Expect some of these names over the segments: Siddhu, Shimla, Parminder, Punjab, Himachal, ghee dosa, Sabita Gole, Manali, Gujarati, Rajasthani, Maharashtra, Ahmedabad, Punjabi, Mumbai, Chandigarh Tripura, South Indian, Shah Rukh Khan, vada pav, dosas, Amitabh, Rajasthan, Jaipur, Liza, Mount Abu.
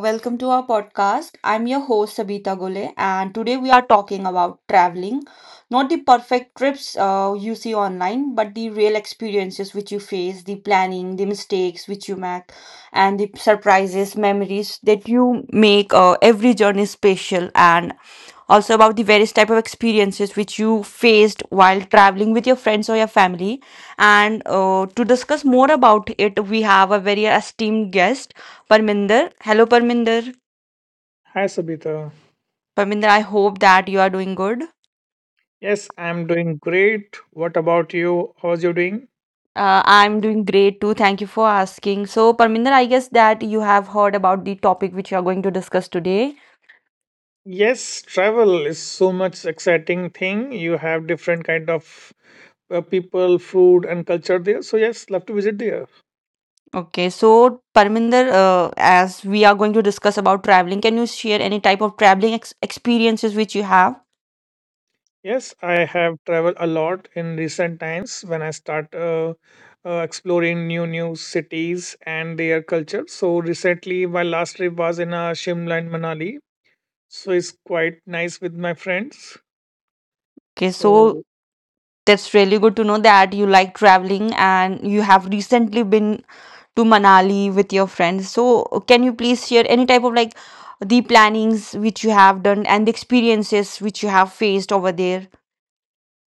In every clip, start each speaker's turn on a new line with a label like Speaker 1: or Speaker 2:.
Speaker 1: welcome to our podcast. I'm your host, Sabita Gole, and today we are talking about traveling. Not the perfect trips you see online, but the real experiences which you face, the planning, the mistakes which you make, and the surprises, memories that you make. Every journey special, and also about the various type of experiences which you faced while traveling with your friends or your family. And to discuss more about it, we have a very esteemed guest Parminder. Hello, Parminder.
Speaker 2: Hi, Sabita.
Speaker 1: Parminder, I hope that you are doing good.
Speaker 2: Yes, I'm doing great. What about you? How's you doing?
Speaker 1: I'm doing great too. Thank you for asking. So, Parminder, I guess that you have heard about the topic which you are going to discuss today.
Speaker 2: Yes, travel is so much exciting thing. You have different kind of people, food, and culture there. So yes, love to visit there.
Speaker 1: Okay, so Parminder, as we are going to discuss about traveling, can you share any type of traveling ex experiences which you have?
Speaker 2: Yes, I have traveled a lot in recent times when I start exploring new cities and their culture. So recently, my last trip was in Shimla and Manali. So it's quite nice with my friends.
Speaker 1: Okay,
Speaker 2: So
Speaker 1: so that's really good to know that you like traveling and you have recently been to Manali with your friends. So, can you please share any type of like the plannings which you have done and the experiences which you have faced over there?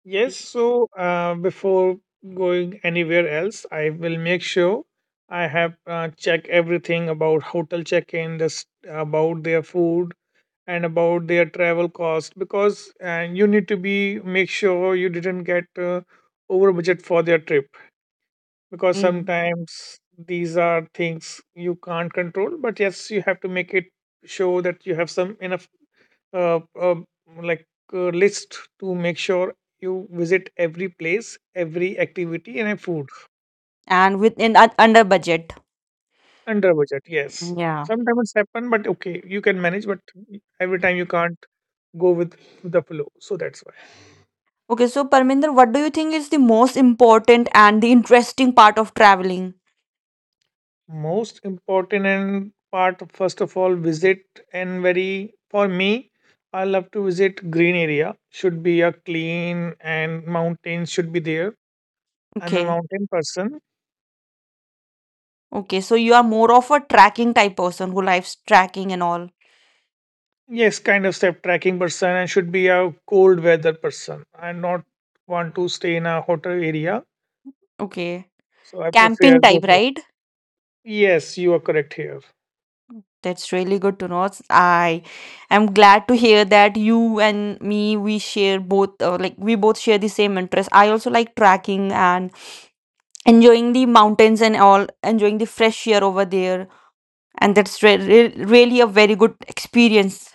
Speaker 2: yes, so before going anywhere else, I will make sure I have check everything about hotel check-in, the s about their food, and about their travel cost because you need to be make sure you didn't get over budget for their trip because
Speaker 1: Mm.
Speaker 2: sometimes these are things you can't control. But yes, you have to make it show that you have some enough uh, uh, like list to make sure you visit every place, every activity, and have food
Speaker 1: And within under budget.
Speaker 2: under budget. Yes,
Speaker 1: Yeah.
Speaker 2: sometimes it's happen, but okay, you can manage. But every time you can't go with the flow, so that's why.
Speaker 1: Okay, so Parminder, what do you think is the most important and the interesting part of traveling?
Speaker 2: Most important and part first of all visit and very for me. I love to visit green area. Should be a clean and mountains should be there. I'm a
Speaker 1: Okay.
Speaker 2: mountain person.
Speaker 1: Okay, so you are more of a tracking type person who likes tracking and all.
Speaker 2: Yes, kind of step tracking person and should be a cold weather person. I not want to stay in a hotter area,
Speaker 1: Okay.
Speaker 2: so I prefer
Speaker 1: Camping
Speaker 2: go
Speaker 1: type,
Speaker 2: to.
Speaker 1: right?
Speaker 2: Yes, you are correct here.
Speaker 1: That's really good to know. I am glad to hear that you and me we share both like we both share the same interest. I also like tracking and enjoying the mountains and all, enjoying the fresh air over there. And that's really a very good experience.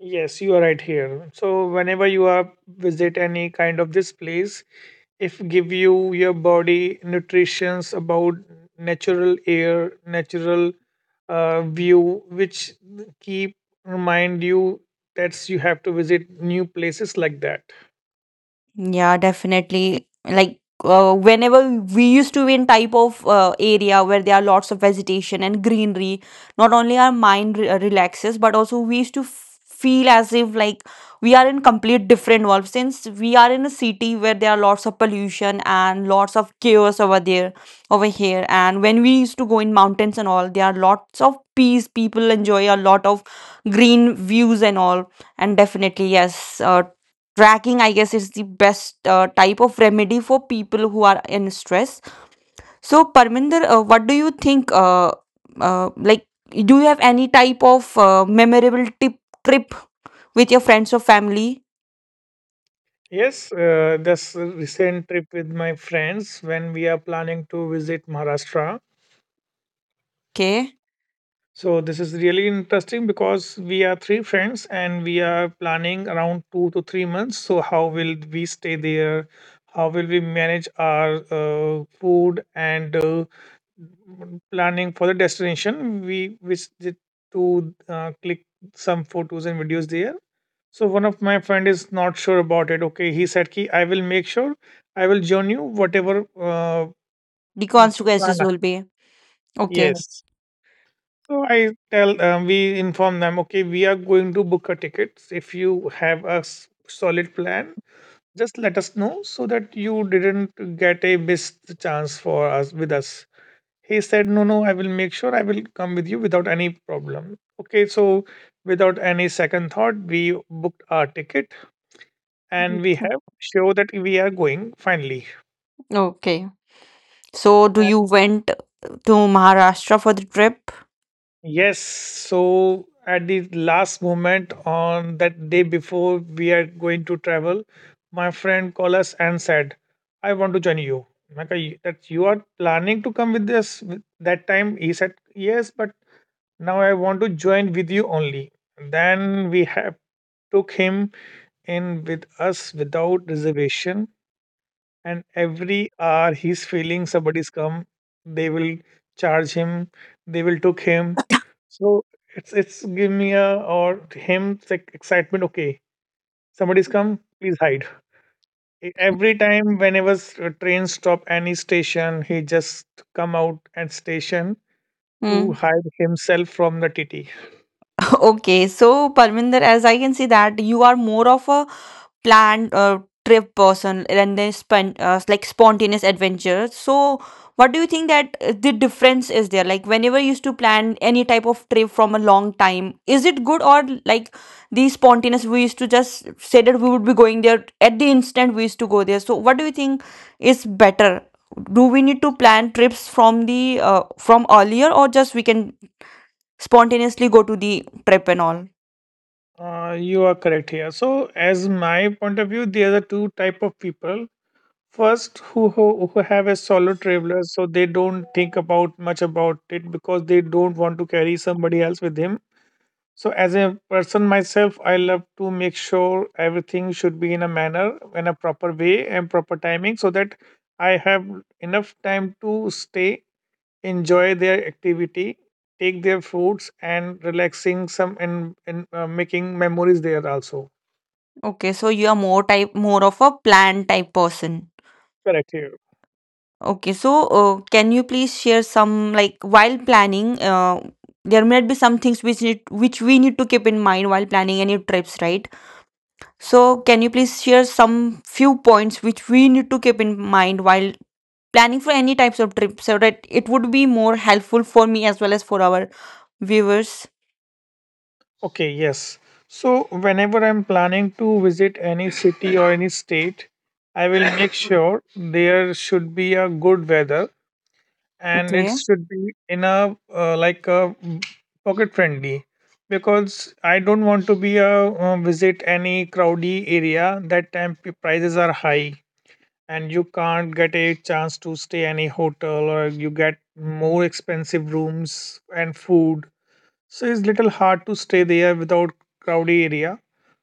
Speaker 2: Yes, you are right here. So whenever you are visit any kind of this place, if give you your body nutritions about natural air, natural view, which keep remind you that you have to visit new places like that.
Speaker 1: Yeah, definitely. Like whenever we used to be in type of area where there are lots of vegetation and greenery, not only our mind relaxes, but also we used to feel as if like we are in complete different world. Since we are in a city where there are lots of pollution and lots of chaos over there, over here, and when we used to go in mountains and all, there are lots of peace. People enjoy a lot of green views and all, and definitely yes tracking, I guess, is the best type of remedy for people who are in stress. So, Parminder, what do you think? Like, do you have any type of memorable tip trip with your friends or family?
Speaker 2: Yes, this recent trip with my friends when we are planning to visit Maharashtra.
Speaker 1: Okay,
Speaker 2: So this is really interesting because we are three friends and we are planning around 2 to 3 months. So how will we stay there? How will we manage our food and planning for the destination? We visited to click some photos and videos there. So one of my friend is not sure about it. Okay, he said, "Ki I will make sure I will join you whatever uh,
Speaker 1: the
Speaker 2: plan."
Speaker 1: consequences will be okay.
Speaker 2: Yes. So I tell we inform them, okay, we are going to book a ticket. If you have a solid plan, just let us know so that you didn't get a missed chance for us with us. He said, no, no, I will make sure I will come with you without any problem. Okay, so without any second thought, we booked our ticket and we have show that we are going finally.
Speaker 1: Okay. So, do
Speaker 2: And
Speaker 1: you went to Maharashtra for the trip?
Speaker 2: yes, so at the last moment on that day before we are going to travel, my friend called us and said, "I want to join you." I'm like, "Are that you are planning to come with us that time." He said, "Yes, but now I want to join with you only." Then we have took him in with us without reservation, and every hour he's feeling somebody's come, they will charge him, they will took him, so it's give me a or him, it's like excitement, okay, somebody's come, please hide. Every time whenever a train stop any station, he just come out at station to
Speaker 1: Hmm.
Speaker 2: hide himself from the tt
Speaker 1: Okay, so Parminder, as I can see that you are more of a planned trip person and then spend like spontaneous adventure. So what do you think that the difference is there, like whenever you used to plan any type of trip from a long time, is it good or like the spontaneous, we used to just say that we would be going there at the instant, we used to go there. So what do you think is better? Do we need to plan trips from the from earlier, or just we can spontaneously go to the trip and all?
Speaker 2: you are correct here. So as my point of view, there are two type of people. First, who have a solo traveler, so they don't think about much about it because they don't want to carry somebody else with him. So, as a person myself, I love to make sure everything should be in a manner, in a proper way, and proper timing, so that I have enough time to stay, enjoy their activity, take their fruits, and relaxing some and making memories there also.
Speaker 1: Okay, so you are more type more of a plan type person.
Speaker 2: Correct. Yeah.
Speaker 1: Okay, so can you please share some like while planning? There might be some things which need which we need to keep in mind while planning any trips, right? So can you please share some few points which we need to keep in mind while planning for any types of trips so that it would be more helpful for me as well as for our viewers?
Speaker 2: Okay, yes. So whenever I'm planning to visit any city or any state, I will make sure there should be a good weather and it
Speaker 1: Okay.
Speaker 2: should be in a like a pocket friendly because I don't want to be a visit any crowdy area that time prices are high, and you can't get a chance to stay any hotel or you get more expensive rooms and food, so it's little hard to stay there without crowdy area,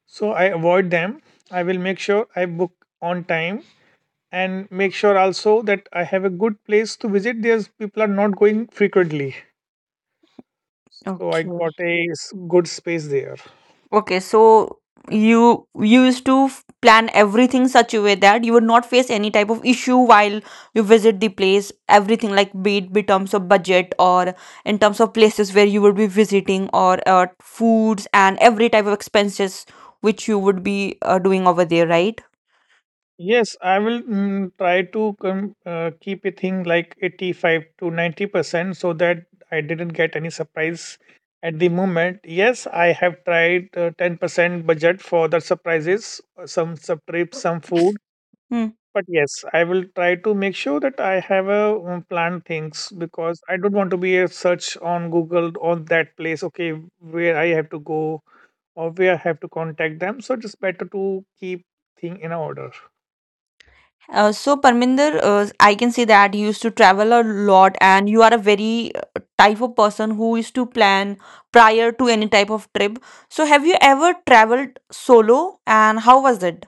Speaker 2: so I avoid them. I will make sure I book on time and make sure also that I have a good place to visit, there's people are not going frequently, so I
Speaker 1: Okay.
Speaker 2: got a good space there.
Speaker 1: Okay, so you used to plan everything such a way that you would not face any type of issue while you visit the place. Everything like be it in terms of budget or in terms of places where you would be visiting or foods and every type of expenses which you would be doing over there, right?
Speaker 2: Yes, I will try to keep a thing like 85 to 90% so that I didn't get any surprise at the moment. Yes, I have tried 10% budget for the surprises, some sub trips, some food.
Speaker 1: Hmm.
Speaker 2: But yes, I will try to make sure that I have a plan things because I don't want to be a search on Google on that place, okay, where I have to go or where I have to contact them. So it's better to keep thing in order.
Speaker 1: So Parminder, I can say that you used to travel a lot, and you are a very type of person who used to plan prior to any type of trip. So have you ever traveled solo, and how was it?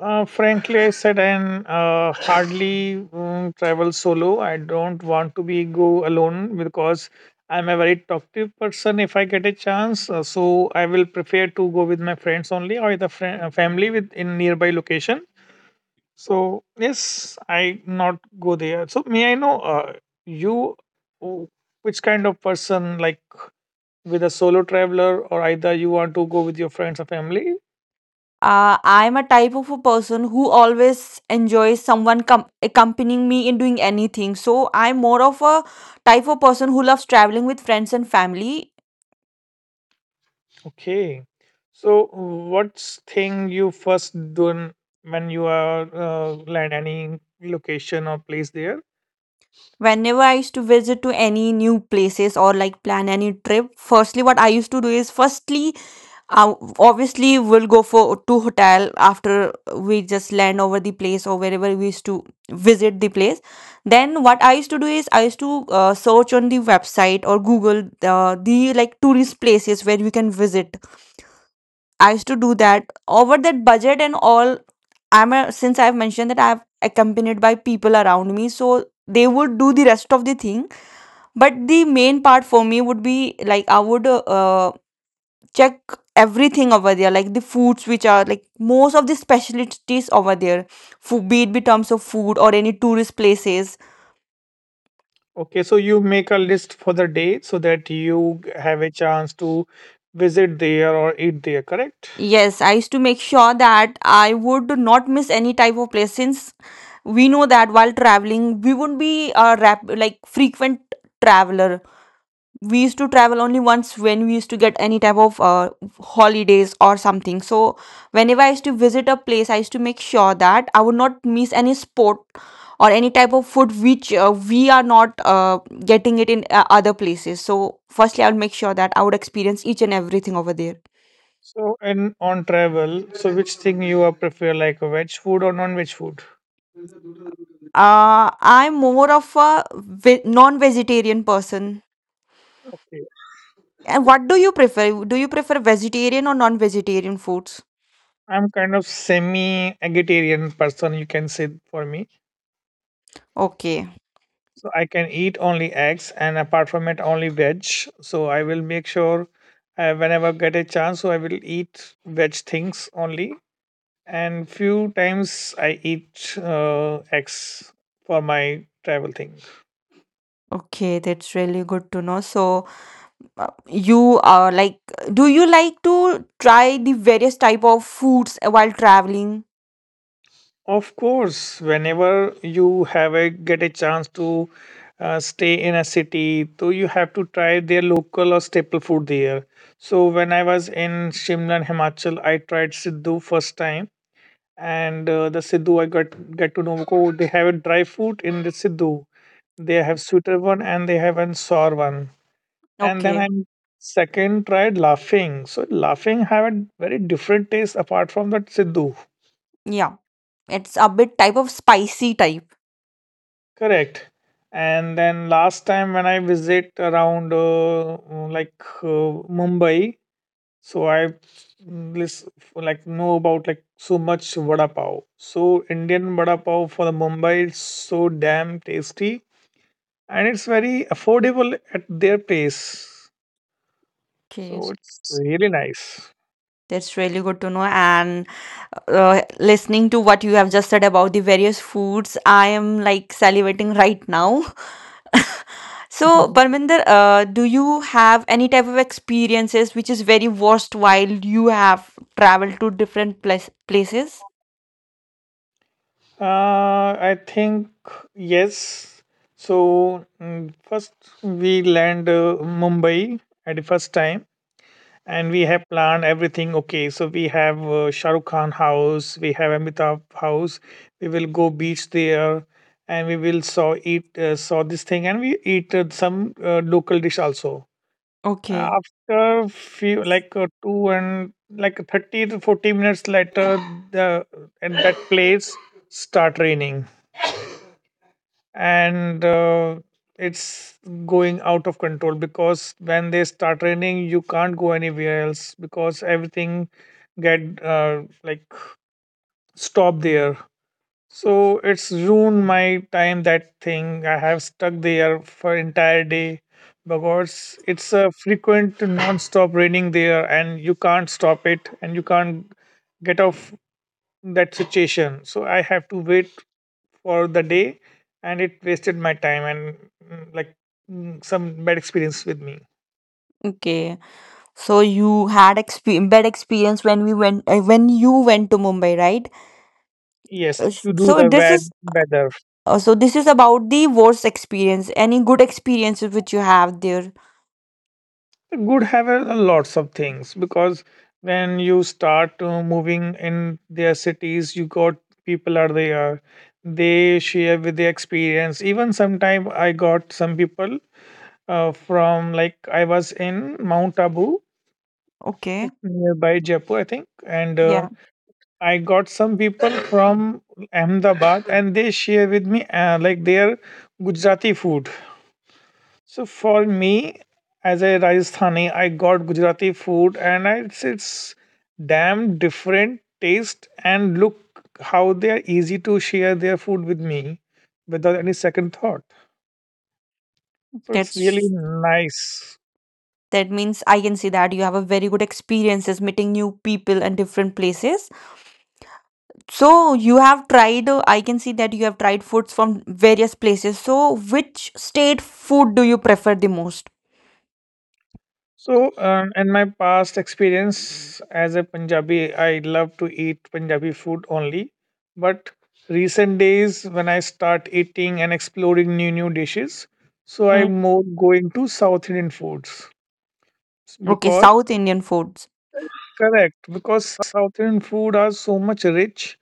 Speaker 2: Frankly, I said, and hardly travel solo. I don't want to be go alone because I'm a very talkative person. If I get a chance, so I will prefer to go with my friends only or the friend, family with in nearby location. So yes, I not go there. So may I know you, who- which kind of person, like with a solo traveler or either you want to go with your friends or family?
Speaker 1: I'm a type of a person who always enjoys someone com accompanying me in doing anything. So I'm more of a type of person who loves traveling with friends and family.
Speaker 2: Okay. So what's thing you first done when you are land any location or place there?
Speaker 1: Whenever I used to visit to any new places or like plan any trip, firstly, what I used to do is firstly Uh, obviously, we'll go for to hotel after we just land over the place or wherever we used to visit the place. Then what I used to do is I used to search on the website or Google the like tourist places where you can visit. I used to do that over that budget and all. I'm a, since I've mentioned that I've accompanied by people around me, so they would do the rest of the thing. But the main part for me would be like I would check everything over there like the foods which are like most of the specialties over there food, be it be terms of food or any tourist places.
Speaker 2: Okay, so you make a list for the day so that you have a chance to visit there or eat there, correct?
Speaker 1: Yes, I used to make sure that I would not miss any type of place, since we know that while traveling, we wouldn't be a like frequent traveler. We used to travel only once when we used to get any type of holidays or something. So whenever I used to visit a place, I used to make sure that I would not miss any sport or any type of food which we are not getting it in other places. So firstly I would make sure that I would experience each and everything over there.
Speaker 2: So and on travel, so which thing you are prefer, like veg food or non-veg food?
Speaker 1: I'm more of a non-vegetarian person,
Speaker 2: Okay.
Speaker 1: and what do you prefer? Do you prefer vegetarian or non-vegetarian foods?
Speaker 2: I'm kind of semi-vegetarian person, you can say for me.
Speaker 1: Okay,
Speaker 2: So I can eat only eggs, and apart from it, only veg. So I will make sure whenever get a chance, so I will eat veg things only. And few times I eat eggs for my travel thing.
Speaker 1: okay, that's really good to know. So uh, you are like, do you like to try the various type of foods while traveling?
Speaker 2: Of course, whenever you have a get a chance to stay in a city, so you have to try their local or staple food there. So when I was in Shimla, Himachal, I tried Siddhu first time, and the Sidhu I got get to know. Oh, they have a dry fruit in the Sidhu. They have sweeter one and they have an sour one. And then I
Speaker 1: Okay,
Speaker 2: second tried laughing. So laughing have a very different taste apart from that Sidhu.
Speaker 1: yeah, it's a bit type of spicy type.
Speaker 2: Correct. And then last time when I visit around like uh, Mumbai, so I list like know about like so much vada pav. So Indian vada pav for the Mumbai is so damn tasty and it's very affordable at their place.
Speaker 1: Okay,
Speaker 2: So it's really nice.
Speaker 1: that's really good to know. And listening to what you have just said about the various foods, I am like salivating right now. So Parminder, do you have any type of experiences which is very worst while you have traveled to different places?
Speaker 2: I think yes. So first we land Mumbai at the first time, and we have planned everything. Okay, so we have Shah Rukh Khan house, we have Amitabh house. We will go beach there, and we will saw this thing, and we eat some local dish also.
Speaker 1: Okay,
Speaker 2: After few like two and like 30 to 40 minutes later, the at that place start raining, and it's going out of control because when they start raining you can't go anywhere else because everything get like stop there, so it's ruined my time. That thing I have stuck there for entire day because it's a frequent non-stop raining there, and you can't stop it, and you can't get off that situation. So I have to wait for the day, and it wasted my time and like some bad experience with me.
Speaker 1: okay. So you had bad experience when we went when you went to Mumbai, right?
Speaker 2: Yes,
Speaker 1: Uh,
Speaker 2: to do
Speaker 1: So
Speaker 2: the
Speaker 1: this
Speaker 2: bad
Speaker 1: is
Speaker 2: weather.
Speaker 1: so this is about the worst experience. Any good experiences which you have there?
Speaker 2: Good have a lots of things because when you start moving in their cities, you got people are there. They share with their experience. Even sometime I got some people from like I was in Mount Abu,
Speaker 1: Okay,
Speaker 2: it's nearby Jaipur, I think, and
Speaker 1: yeah,
Speaker 2: I got some people from Ahmedabad, and they share with me like their Gujarati food. So for me, as a Rajasthani, I got Gujarati food, and I, it's damn different taste and look how they are easy to share their food with me without any second thought. So it's really
Speaker 1: that's,
Speaker 2: nice.
Speaker 1: that means I can see that you have a very good experiences meeting new people and different places. So you have tried. I can see that you have tried foods from various places. So which state food do you prefer the most?
Speaker 2: So in my past experience as a Punjabi, I love to eat Punjabi food only. But recent days, when I start eating and exploring new dishes, so
Speaker 1: Mm.
Speaker 2: I'm more going to South Indian foods.
Speaker 1: Okay,
Speaker 2: Because
Speaker 1: South Indian foods.
Speaker 2: correct, because South Indian food are so much rich,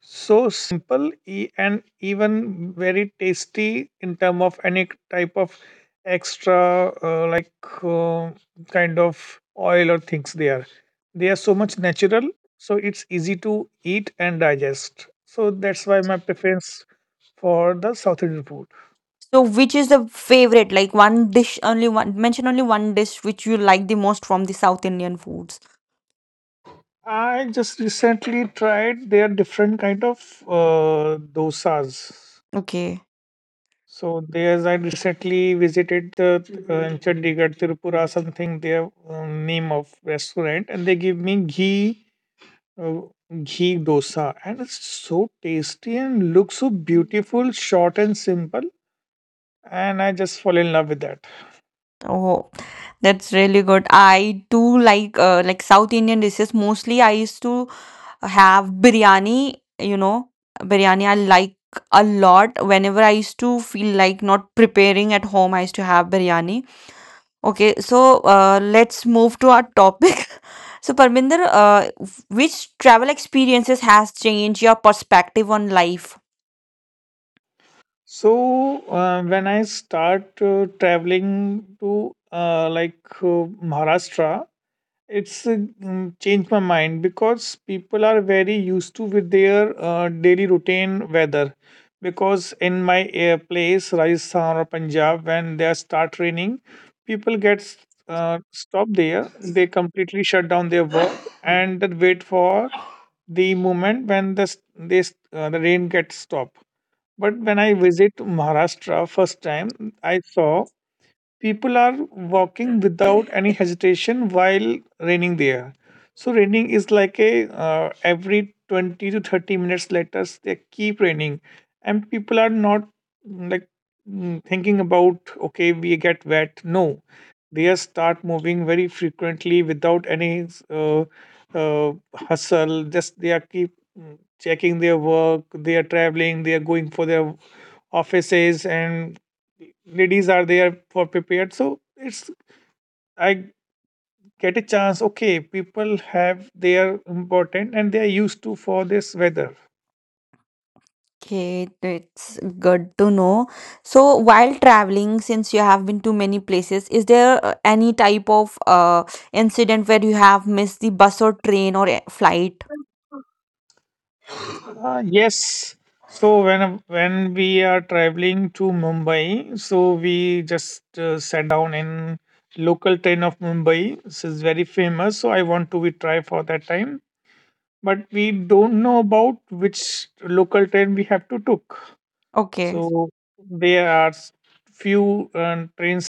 Speaker 2: so simple, and even very tasty in term of any type of extra like uh, kind of oil or things there. They are so much natural, so it's easy to eat and digest. So that's why my preference for the South Indian food.
Speaker 1: So, which is the favorite? Like one dish, only one, mention only one dish which you like the most from the South Indian foods.
Speaker 2: I just recently tried their different kind of dosas.
Speaker 1: Okay.
Speaker 2: So there's I recently visited the Chandigarh Tripura something, their name of restaurant, and they give me uh, ghee dosa, and it's so tasty and looks so beautiful, short and simple, and I just fall in love with that.
Speaker 1: Oh, that's really good. I do like South Indian dishes. Mostly, I used to have biryani, you know, biryani I like a lot. Whenever I used to feel like not preparing at home, I used to have biryani. Okay, so let's move to our topic. So, Parminder, which travel experiences has changed your perspective on life?
Speaker 2: So when I start traveling to like Maharashtra. It's changed my mind because people are very used to with their daily routine weather. Because in my place, Rajasthan or Punjab, when they start raining, people get stopped there. They completely shut down their work and then wait for the moment when the s- they, s- the rain gets stopped. But when I visit Maharashtra first time, I saw people are walking without any hesitation while raining there, so raining is like a every 20 to 30 minutes later they keep raining, and people are not like thinking about, okay, we get wet, no, they are start moving very frequently without any hustle, just they are keep checking their work, they are traveling, they are going for their offices, and ladies are there for prepared, so it's I get a chance, okay, people have their important and they are used to for this weather.
Speaker 1: Okay, it's good to know. So, while traveling, since you have been to many places, is there any type of incident where you have missed the bus or train or flight?
Speaker 2: Yes. So when we are traveling to Mumbai, so we just sat down in local train of Mumbai, this is very famous, so I want to we try for that time but we don't know about which local train we have to took. So
Speaker 1: Okay,
Speaker 2: there are few trains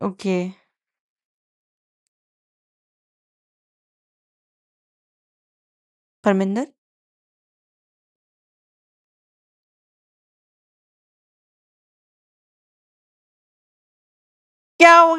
Speaker 1: okay, Parminder. Yeah,